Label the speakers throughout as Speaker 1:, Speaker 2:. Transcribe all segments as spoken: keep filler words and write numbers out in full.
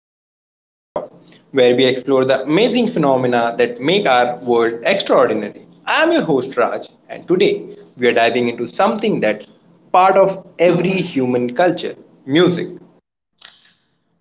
Speaker 1: to the Wonder Workshop, where we explore the amazing phenomena that make our world extraordinary. I am your host, Raj, and today we are diving into something that's part of every human culture music.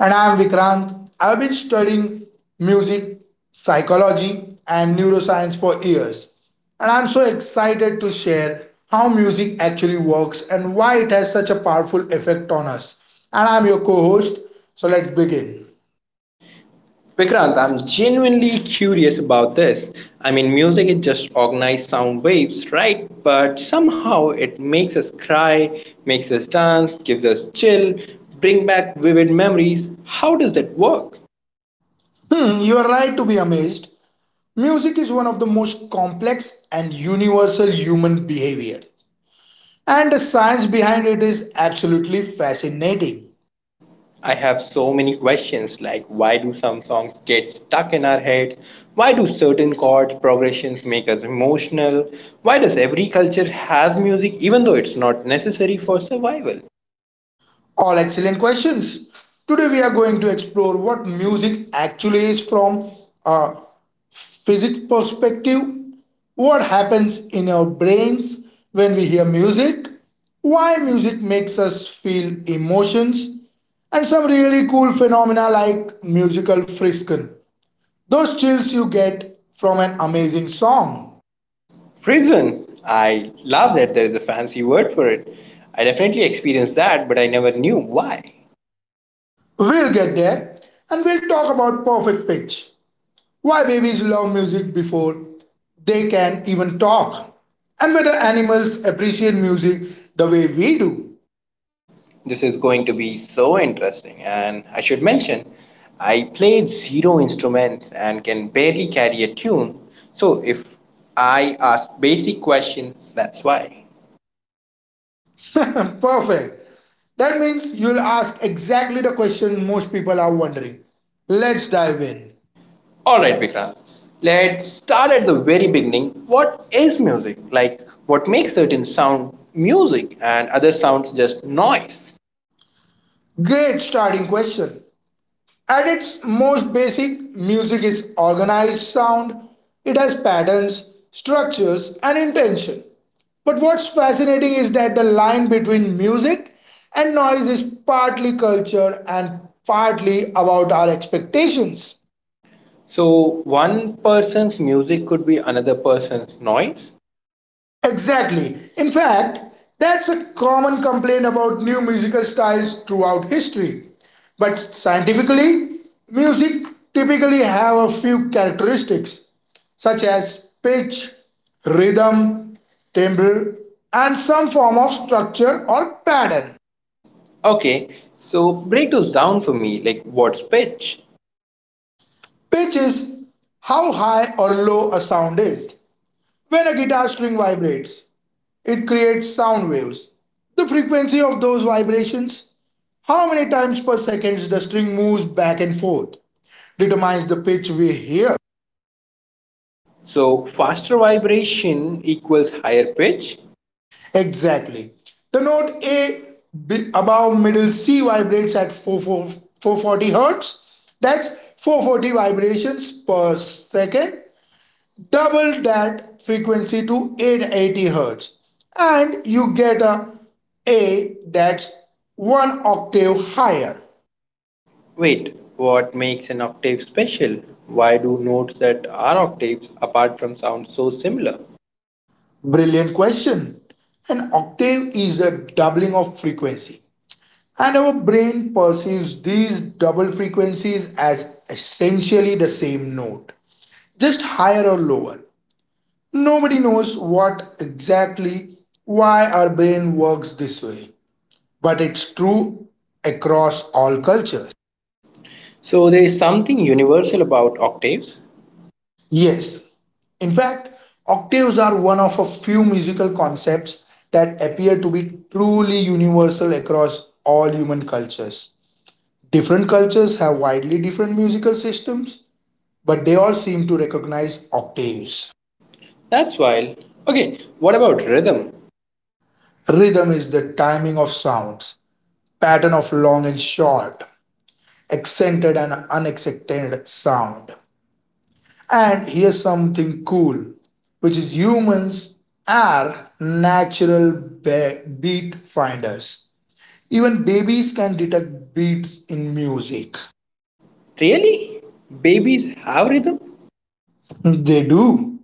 Speaker 2: And I'm Vikrant. I've been studying music, psychology, and neuroscience for years. And I'm so excited to share how music actually works and why it has such a powerful effect on us. And I'm your co host, so let's begin.
Speaker 1: Vikrant, I'm genuinely curious about this. I mean, music is just organized sound waves, right? But somehow it makes us cry, makes us dance, gives us chill, bring back vivid memories. How does that work?
Speaker 2: Hmm, you are right to be amazed. Music is one of the most complex and universal human behavior, and the science behind it is absolutely fascinating.
Speaker 1: I have so many questions like why do some songs get stuck in our heads? Why do certain chord progressions make us emotional? Why does every culture has music even though it's not necessary for survival?
Speaker 2: All excellent questions. Today we are going to explore what music actually is from a physics perspective, what happens in our brains when we hear music, why music makes us feel emotions, and some really cool phenomena like musical friskin. Those chills you get from an amazing song.
Speaker 1: Prison. I love that there is a fancy word for it. I definitely experienced that, but I never knew why.
Speaker 2: We'll get there, and we'll talk about perfect pitch. Why babies love music before they can even talk, and whether animals appreciate music the way we do.
Speaker 1: This is going to be so interesting. And I should mention, I play zero instruments and can barely carry a tune. So if I ask basic questions, that's why.
Speaker 2: Perfect. That means you'll ask exactly the question most people are wondering. Let's dive in.
Speaker 1: All right, Vikrant. Let's start at the very beginning. What is music? Like, what makes certain sound music and other sounds just noise?
Speaker 2: Great starting question. At its most basic, music is organized sound. It has patterns, structures, and intention. But what's fascinating is that the line between music and noise is partly culture and partly about our expectations.
Speaker 1: So, one person's music could be another person's noise?
Speaker 2: Exactly. In fact, that's a common complaint about new musical styles throughout history. But scientifically, music typically have a few characteristics such as pitch, rhythm, timbre, and some form of structure or pattern.
Speaker 1: Okay, so break those down for me. Like, what's pitch?
Speaker 2: Pitch is how high or low a sound is. When a guitar string vibrates, it creates sound waves. The frequency of those vibrations, how many times per second the string moves back and forth, determines the pitch we hear.
Speaker 1: So faster vibration equals higher pitch.
Speaker 2: Exactly. The note A above middle C vibrates at four forty hertz. That's four hundred forty vibrations per second. Double that frequency to eight eighty hertz and you get a A that's one octave higher.
Speaker 1: Wait, what makes an octave special? Why do notes that are octaves apart from sound so similar?
Speaker 2: Brilliant question. An octave is a doubling of frequency. And our brain perceives these double frequencies as essentially the same note, just higher or lower. Nobody knows what exactly why our brain works this way, but it's true across all cultures.
Speaker 1: So there is something universal about octaves.
Speaker 2: Yes. In fact, octaves are one of a few musical concepts that appear to be truly universal across all human cultures. Different cultures have widely different musical systems, but they all seem to recognize octaves.
Speaker 1: That's wild. Okay, what about rhythm?
Speaker 2: Rhythm is the timing of sounds, pattern of long and short, accented and unaccented sound. And here's something cool, which is humans are natural beat finders. Even babies can detect beats in music.
Speaker 1: Really? Babies have rhythm?
Speaker 2: They do.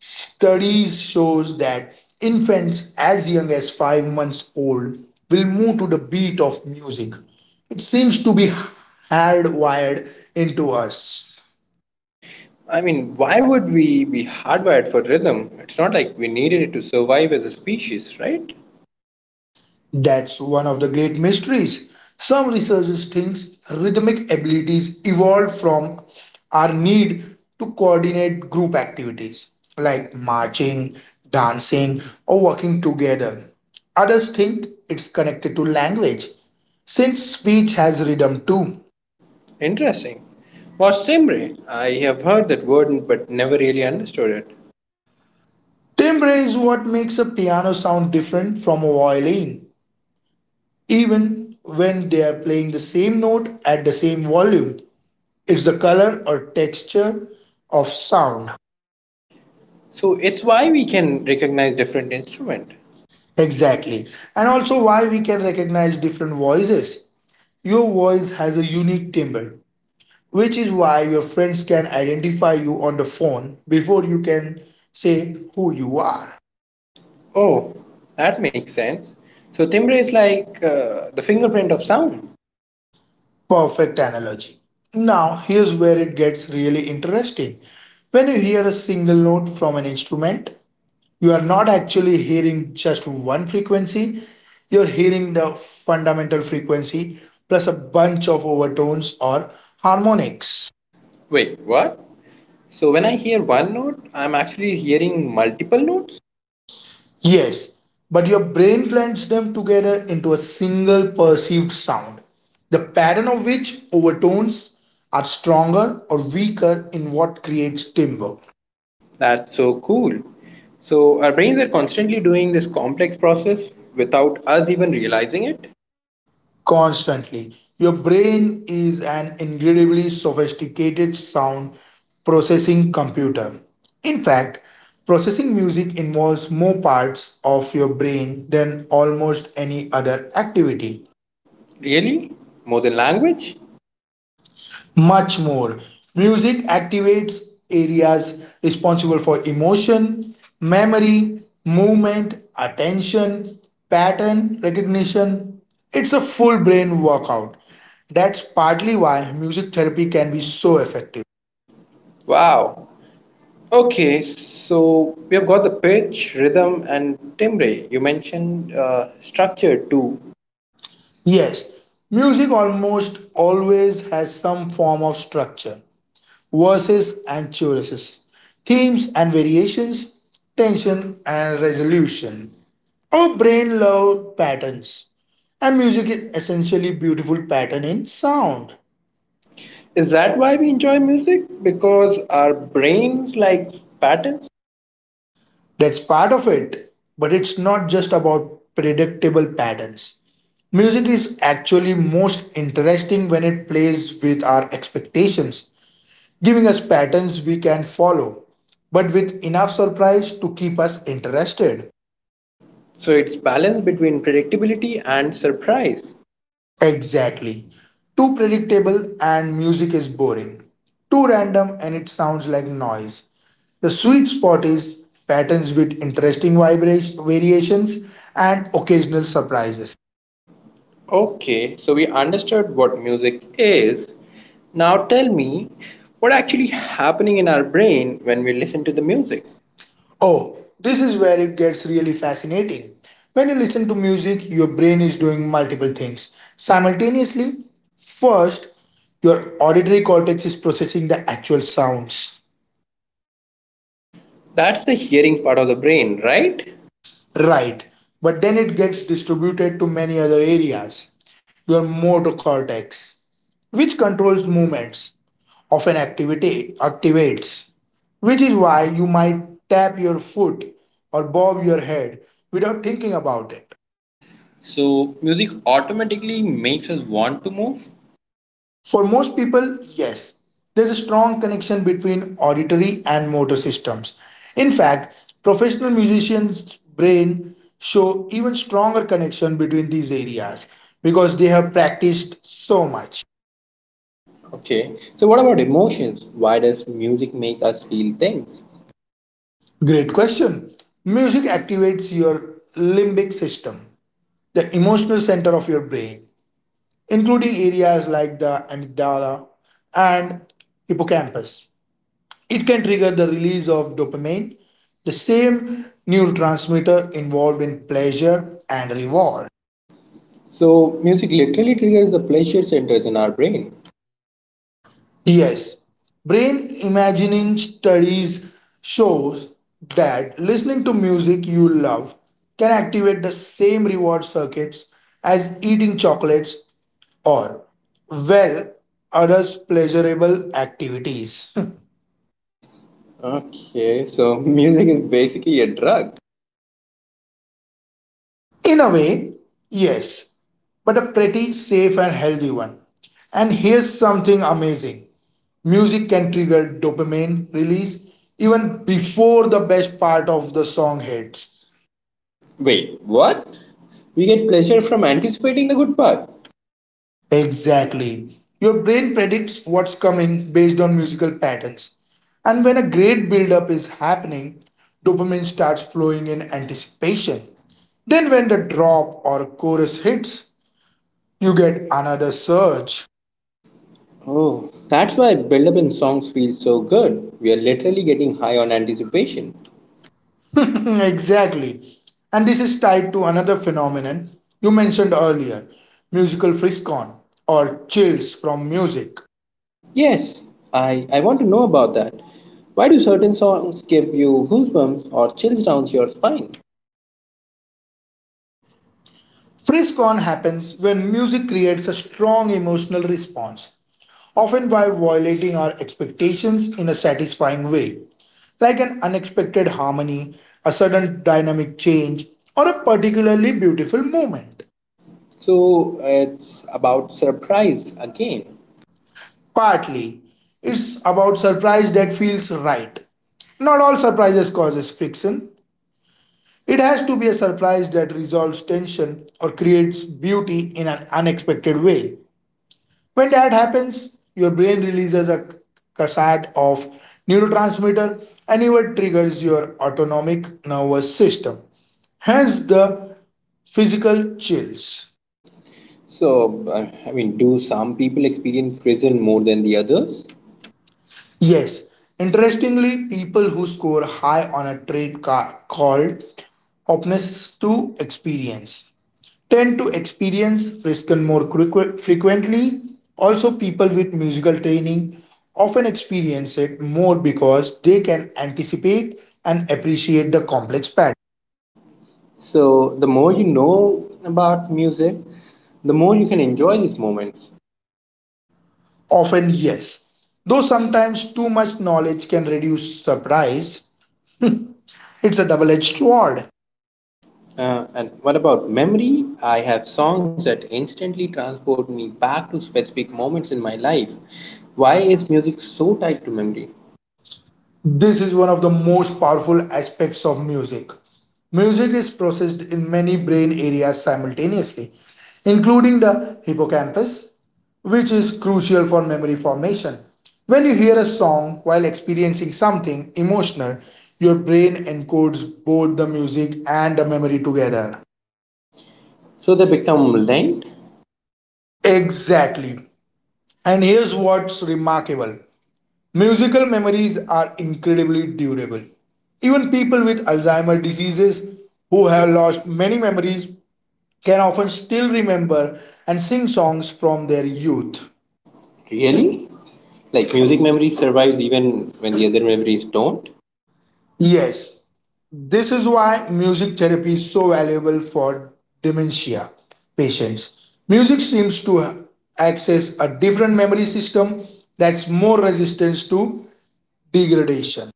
Speaker 2: Studies shows that infants as young as five months old will move to the beat of music. It seems to be hardwired into us.
Speaker 1: I mean, why would we be hardwired for rhythm? It's not like we needed it to survive as a species, right?
Speaker 2: That's one of the great mysteries. Some researchers think rhythmic abilities evolved from our need to coordinate group activities like marching, dancing, or working together. Others think it's connected to language, since speech has rhythm too.
Speaker 1: Interesting. What's timbre? I have heard that word but never really understood it.
Speaker 2: Timbre is what makes a piano sound different from a violin, even when they are playing the same note at the same volume. It's the color or texture of sound.
Speaker 1: So it's why we can recognize different instrument.
Speaker 2: Exactly, and also why we can recognize different voices. Your voice has a unique timbre, which is why your friends can identify you on the phone before you can say who you are.
Speaker 1: Oh, that makes sense. So timbre is like uh, the fingerprint of sound.
Speaker 2: Perfect analogy. Now here's where it gets really interesting. When you hear a single note from an instrument, you are not actually hearing just one frequency. You're hearing the fundamental frequency plus a bunch of overtones or harmonics.
Speaker 1: Wait, what? So when I hear one note, I'm actually hearing multiple notes.
Speaker 2: Yes, but your brain blends them together into a single perceived sound. The pattern of which overtones are stronger or weaker in what creates timbre.
Speaker 1: That's so cool. So our brains are constantly doing this complex process without us even realizing it.
Speaker 2: Constantly. Your brain is an incredibly sophisticated sound processing computer. In fact, processing music involves more parts of your brain than almost any other activity.
Speaker 1: Really? More than language?
Speaker 2: Much more. Music activates areas responsible for emotion, memory, movement, attention, pattern recognition. It's a full brain workout. That's partly why music therapy can be so effective.
Speaker 1: Wow. Okay, so we have got the pitch, rhythm, and timbre. You mentioned uh, structure too.
Speaker 2: Yes, music almost always has some form of structure. Verses and choruses, themes and variations, tension and resolution. Our brain loves patterns, and music is essentially beautiful pattern in sound.
Speaker 1: Is that why we enjoy music? Because our brains likes patterns.
Speaker 2: That's part of it, but it's not just about predictable patterns. Music is actually most interesting when it plays with our expectations, giving us patterns we can follow, but with enough surprise to keep us interested.
Speaker 1: So it's balance between predictability and surprise.
Speaker 2: Exactly. Too predictable and music is boring. Too random and it sounds like noise. The sweet spot is patterns with interesting vibration variations and occasional surprises.
Speaker 1: Okay, so we understood what music is. Now tell me what actually happening in our brain when we listen to the music.
Speaker 2: Oh, this is where it gets really fascinating. When you listen to music, your brain is doing multiple things simultaneously. First, your auditory cortex is processing the actual sounds.
Speaker 1: That's the hearing part of the brain, right?
Speaker 2: Right, but then it gets distributed to many other areas. Your motor cortex, which controls movements, often activity activates, which is why you might tap your foot or bob your head without thinking about it.
Speaker 1: So music automatically makes us want to move.
Speaker 2: For most people, yes, there's a strong connection between auditory and motor systems. In fact, professional musicians' brain show even stronger connection between these areas because they have practiced so much.
Speaker 1: Okay. So what about emotions? Why does music make us feel things?
Speaker 2: Great question. Music activates your limbic system, the emotional center of your brain, including areas like the amygdala and hippocampus. It can trigger the release of dopamine, the same neurotransmitter involved in pleasure and reward.
Speaker 1: So music literally triggers the pleasure centers in our brain.
Speaker 2: Yes, brain imagining studies shows that listening to music you love can activate the same reward circuits as eating chocolates or well other pleasurable activities.
Speaker 1: Okay, so music is basically a drug.
Speaker 2: In a way, yes, but a pretty safe and healthy one. And here's something amazing, music can trigger dopamine release even before the best part of the song hits.
Speaker 1: Wait, what? We get pleasure from anticipating the good part.
Speaker 2: Exactly. Your brain predicts what's coming based on musical patterns. And when a great build-up is happening, dopamine starts flowing in anticipation. Then, when the drop or chorus hits, you get another surge.
Speaker 1: Oh, that's why build up in songs feel so good. We are literally getting high on anticipation.
Speaker 2: Exactly. And this is tied to another phenomenon you mentioned earlier, musical frisson or chills from music.
Speaker 1: Yes, I, I want to know about that. Why do certain songs give you goosebumps or chills down your spine?
Speaker 2: Frisson happens when music creates a strong emotional response, often by violating our expectations in a satisfying way, like an unexpected harmony, a sudden dynamic change, or a particularly beautiful moment.
Speaker 1: So it's about surprise again.
Speaker 2: Partly, it's about surprise that feels right. Not all surprises causes friction. It has to be a surprise that resolves tension or creates beauty in an unexpected way. When that happens, your brain releases a cascade of neurotransmitter and even triggers your autonomic nervous system. Hence the physical chills.
Speaker 1: So, I I mean, do some people experience prison more than the others?
Speaker 2: Yes. Interestingly, people who score high on a trait ca- called openness to experience tend to experience Frisken more frequ- frequently. Also, people with musical training often experience it more because they can anticipate and appreciate the complex pattern.
Speaker 1: So, the more you know about music, the more you can enjoy these moments.
Speaker 2: Often, yes. Though sometimes too much knowledge can reduce surprise, it's a double edged sword.
Speaker 1: Uh, and what about memory? I have songs that instantly transport me back to specific moments in my life. Why is music so tied to memory?
Speaker 2: This is one of the most powerful aspects of music. Music is processed in many brain areas simultaneously, including the hippocampus, which is crucial for memory formation. When you hear a song while experiencing something emotional, your brain encodes both the music and the memory together.
Speaker 1: So they become linked,
Speaker 2: Exactly. And here's what's remarkable. Musical memories are incredibly durable. Even people with Alzheimer's diseases who have lost many memories can often still remember and sing songs from their youth.
Speaker 1: really? Like music memory survives even when the other memories don't?
Speaker 2: Yes, this is why music therapy is so valuable for dementia patients. Music seems to access a different memory system that's more resistant to degradation.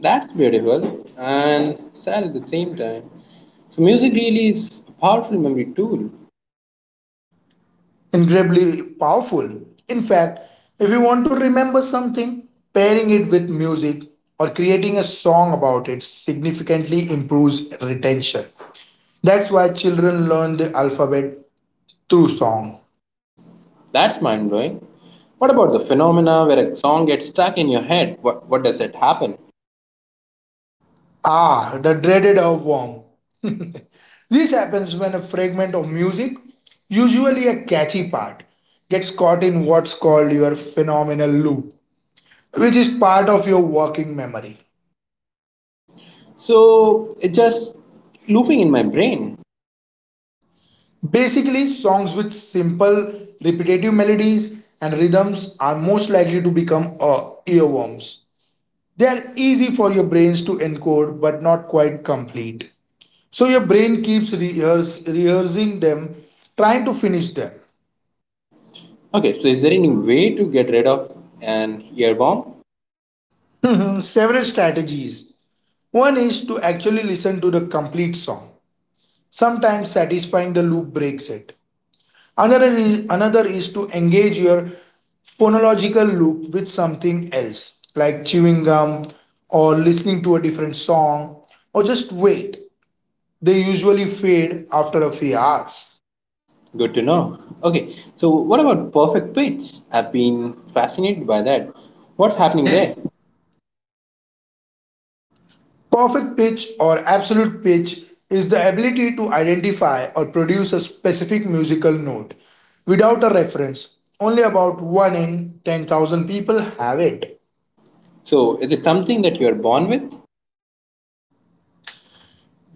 Speaker 1: That's beautiful and sad at the same time. So music really is a powerful memory tool.
Speaker 2: Incredibly powerful. In fact, if you want to remember something, pairing it with music or creating a song about it significantly improves retention. That's why children learn the alphabet through song.
Speaker 1: That's mind blowing. What about the phenomena where a song gets stuck in your head? What what does it happen?
Speaker 2: Ah, the dreaded earworm. This happens when a fragment of music, usually a catchy part, gets caught in what's called your phenomenal loop, which is part of your working memory.
Speaker 1: So it's just looping in my brain.
Speaker 2: Basically, songs with simple, repetitive melodies and rhythms are most likely to become uh, earworms. They are easy for your brains to encode but not quite complete. So your brain keeps rehearse, rehearsing them, trying to finish
Speaker 1: Okay, so is there any way to get rid of an earworm?
Speaker 2: them. Several strategies. One is to actually listen to the complete song. Sometimes satisfying the loop breaks it. Another is, another is to engage your phonological loop with something else, like chewing gum or listening to a different song, or just wait. They usually fade after a few hours.
Speaker 1: Good to know. Okay, so what about perfect pitch? I've been fascinated by that.
Speaker 2: What's
Speaker 1: What's
Speaker 2: happening
Speaker 1: happening
Speaker 2: there?
Speaker 1: there?
Speaker 2: Perfect pitch or absolute pitch is the ability to identify or produce a specific musical note without a reference. Only about one in ten thousand people have it.
Speaker 1: So is it something that you're born with?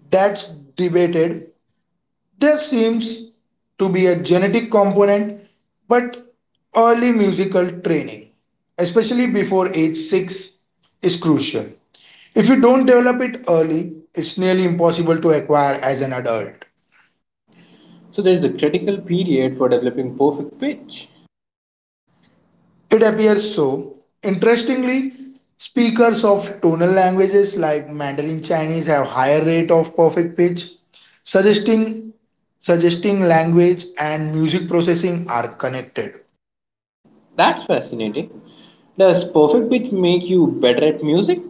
Speaker 2: That's debated. There seems to be a genetic component, but early musical training, especially before age six, is crucial. If you don't develop it early, it's nearly impossible to acquire as an adult.
Speaker 1: So there is a critical period for developing perfect pitch.
Speaker 2: It appears so. Interestingly, speakers of tonal languages like Mandarin Chinese have higher rate of perfect pitch, suggesting suggesting language and music processing are connected.
Speaker 1: That's fascinating. Does perfect pitch make you better at music?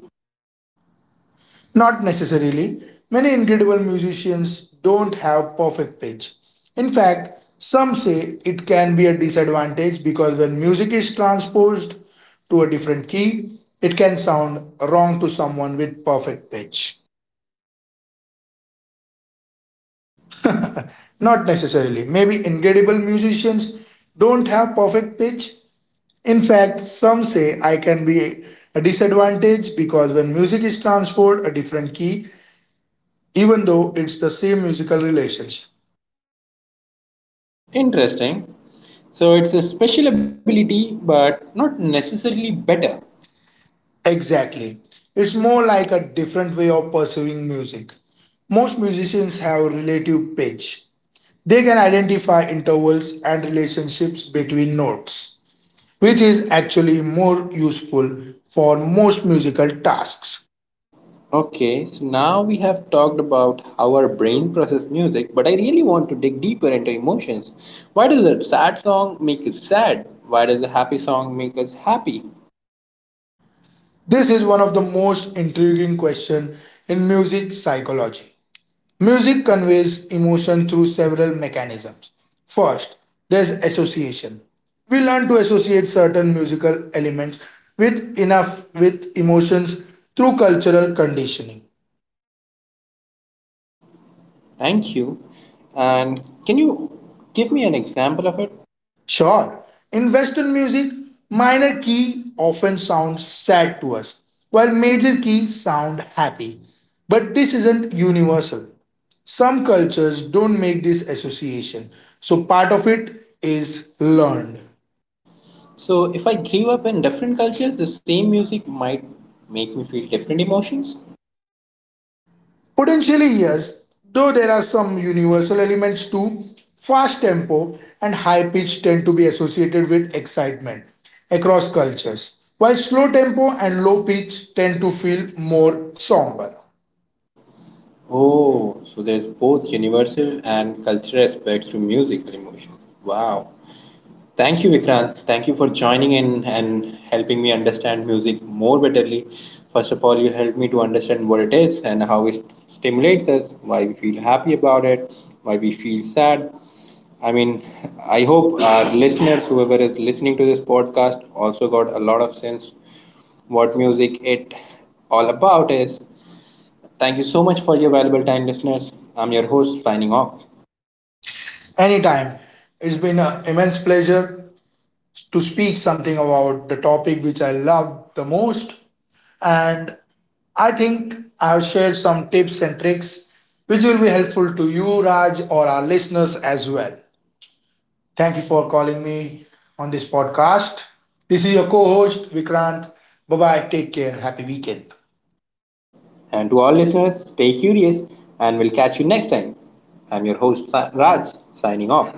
Speaker 2: Not necessarily. Many incredible musicians don't have perfect pitch. In fact, some say it can be a disadvantage because when music is transposed to a different key, it can sound wrong to someone with perfect pitch. Not necessarily. Maybe incredible musicians don't have perfect pitch. In fact, some say I can be a disadvantage because when music is transposed a different key, even though it's the same musical relationship.
Speaker 1: Interesting. So it's a special ability, but not necessarily better.
Speaker 2: Exactly. It's more like a different way of pursuing music. Most musicians have relative pitch. They can identify intervals and relationships between notes, which is actually more useful for most musical tasks.
Speaker 1: Okay, so now we have talked about how our brain processes music, but I really want to dig deeper into emotions. Why does a sad song make us sad? Why does a happy song make us happy?
Speaker 2: This is one of the most intriguing questions in music psychology. Music conveys emotion through several mechanisms. First, there's association. We learn to associate certain musical elements with enough with emotions through cultural conditioning.
Speaker 1: Thank you. And can you give me an example of it?
Speaker 2: Sure, in Western music, minor key often sounds sad to us, while major keys sound happy. But this isn't universal. Some cultures don't make this association, so part of it is learned.
Speaker 1: So, if I grew up in different cultures, the same music might make me feel different emotions.
Speaker 2: Potentially, yes, though there are some universal elements too. Fast tempo and high pitch tend to be associated with excitement across cultures, while slow tempo and low pitch tend to feel more somber.
Speaker 1: Oh, so there's both universal and cultural aspects to musical emotion. Wow. Thank you, Vikrant. Thank you for joining in and helping me understand music more betterly. First of all, you helped me to understand what it is and how it stimulates us, why we feel happy about it, why we feel sad. I mean, I hope our listeners, whoever is listening to this podcast, also got a lot of sense what music it all about is. Thank you so much for your valuable time, listeners. I'm your host, signing off.
Speaker 2: Anytime, it's been an immense pleasure to speak something about the topic which I love the most, and I think I've shared some tips and tricks which will be helpful to you, Raj, or our listeners as well. Thank you for calling me on this podcast. This is your co host, Vikrant. Bye bye. Take care. Happy weekend.
Speaker 1: And to our listeners, stay curious and we'll catch you next time. I'm your host, Sa- Raj, signing off.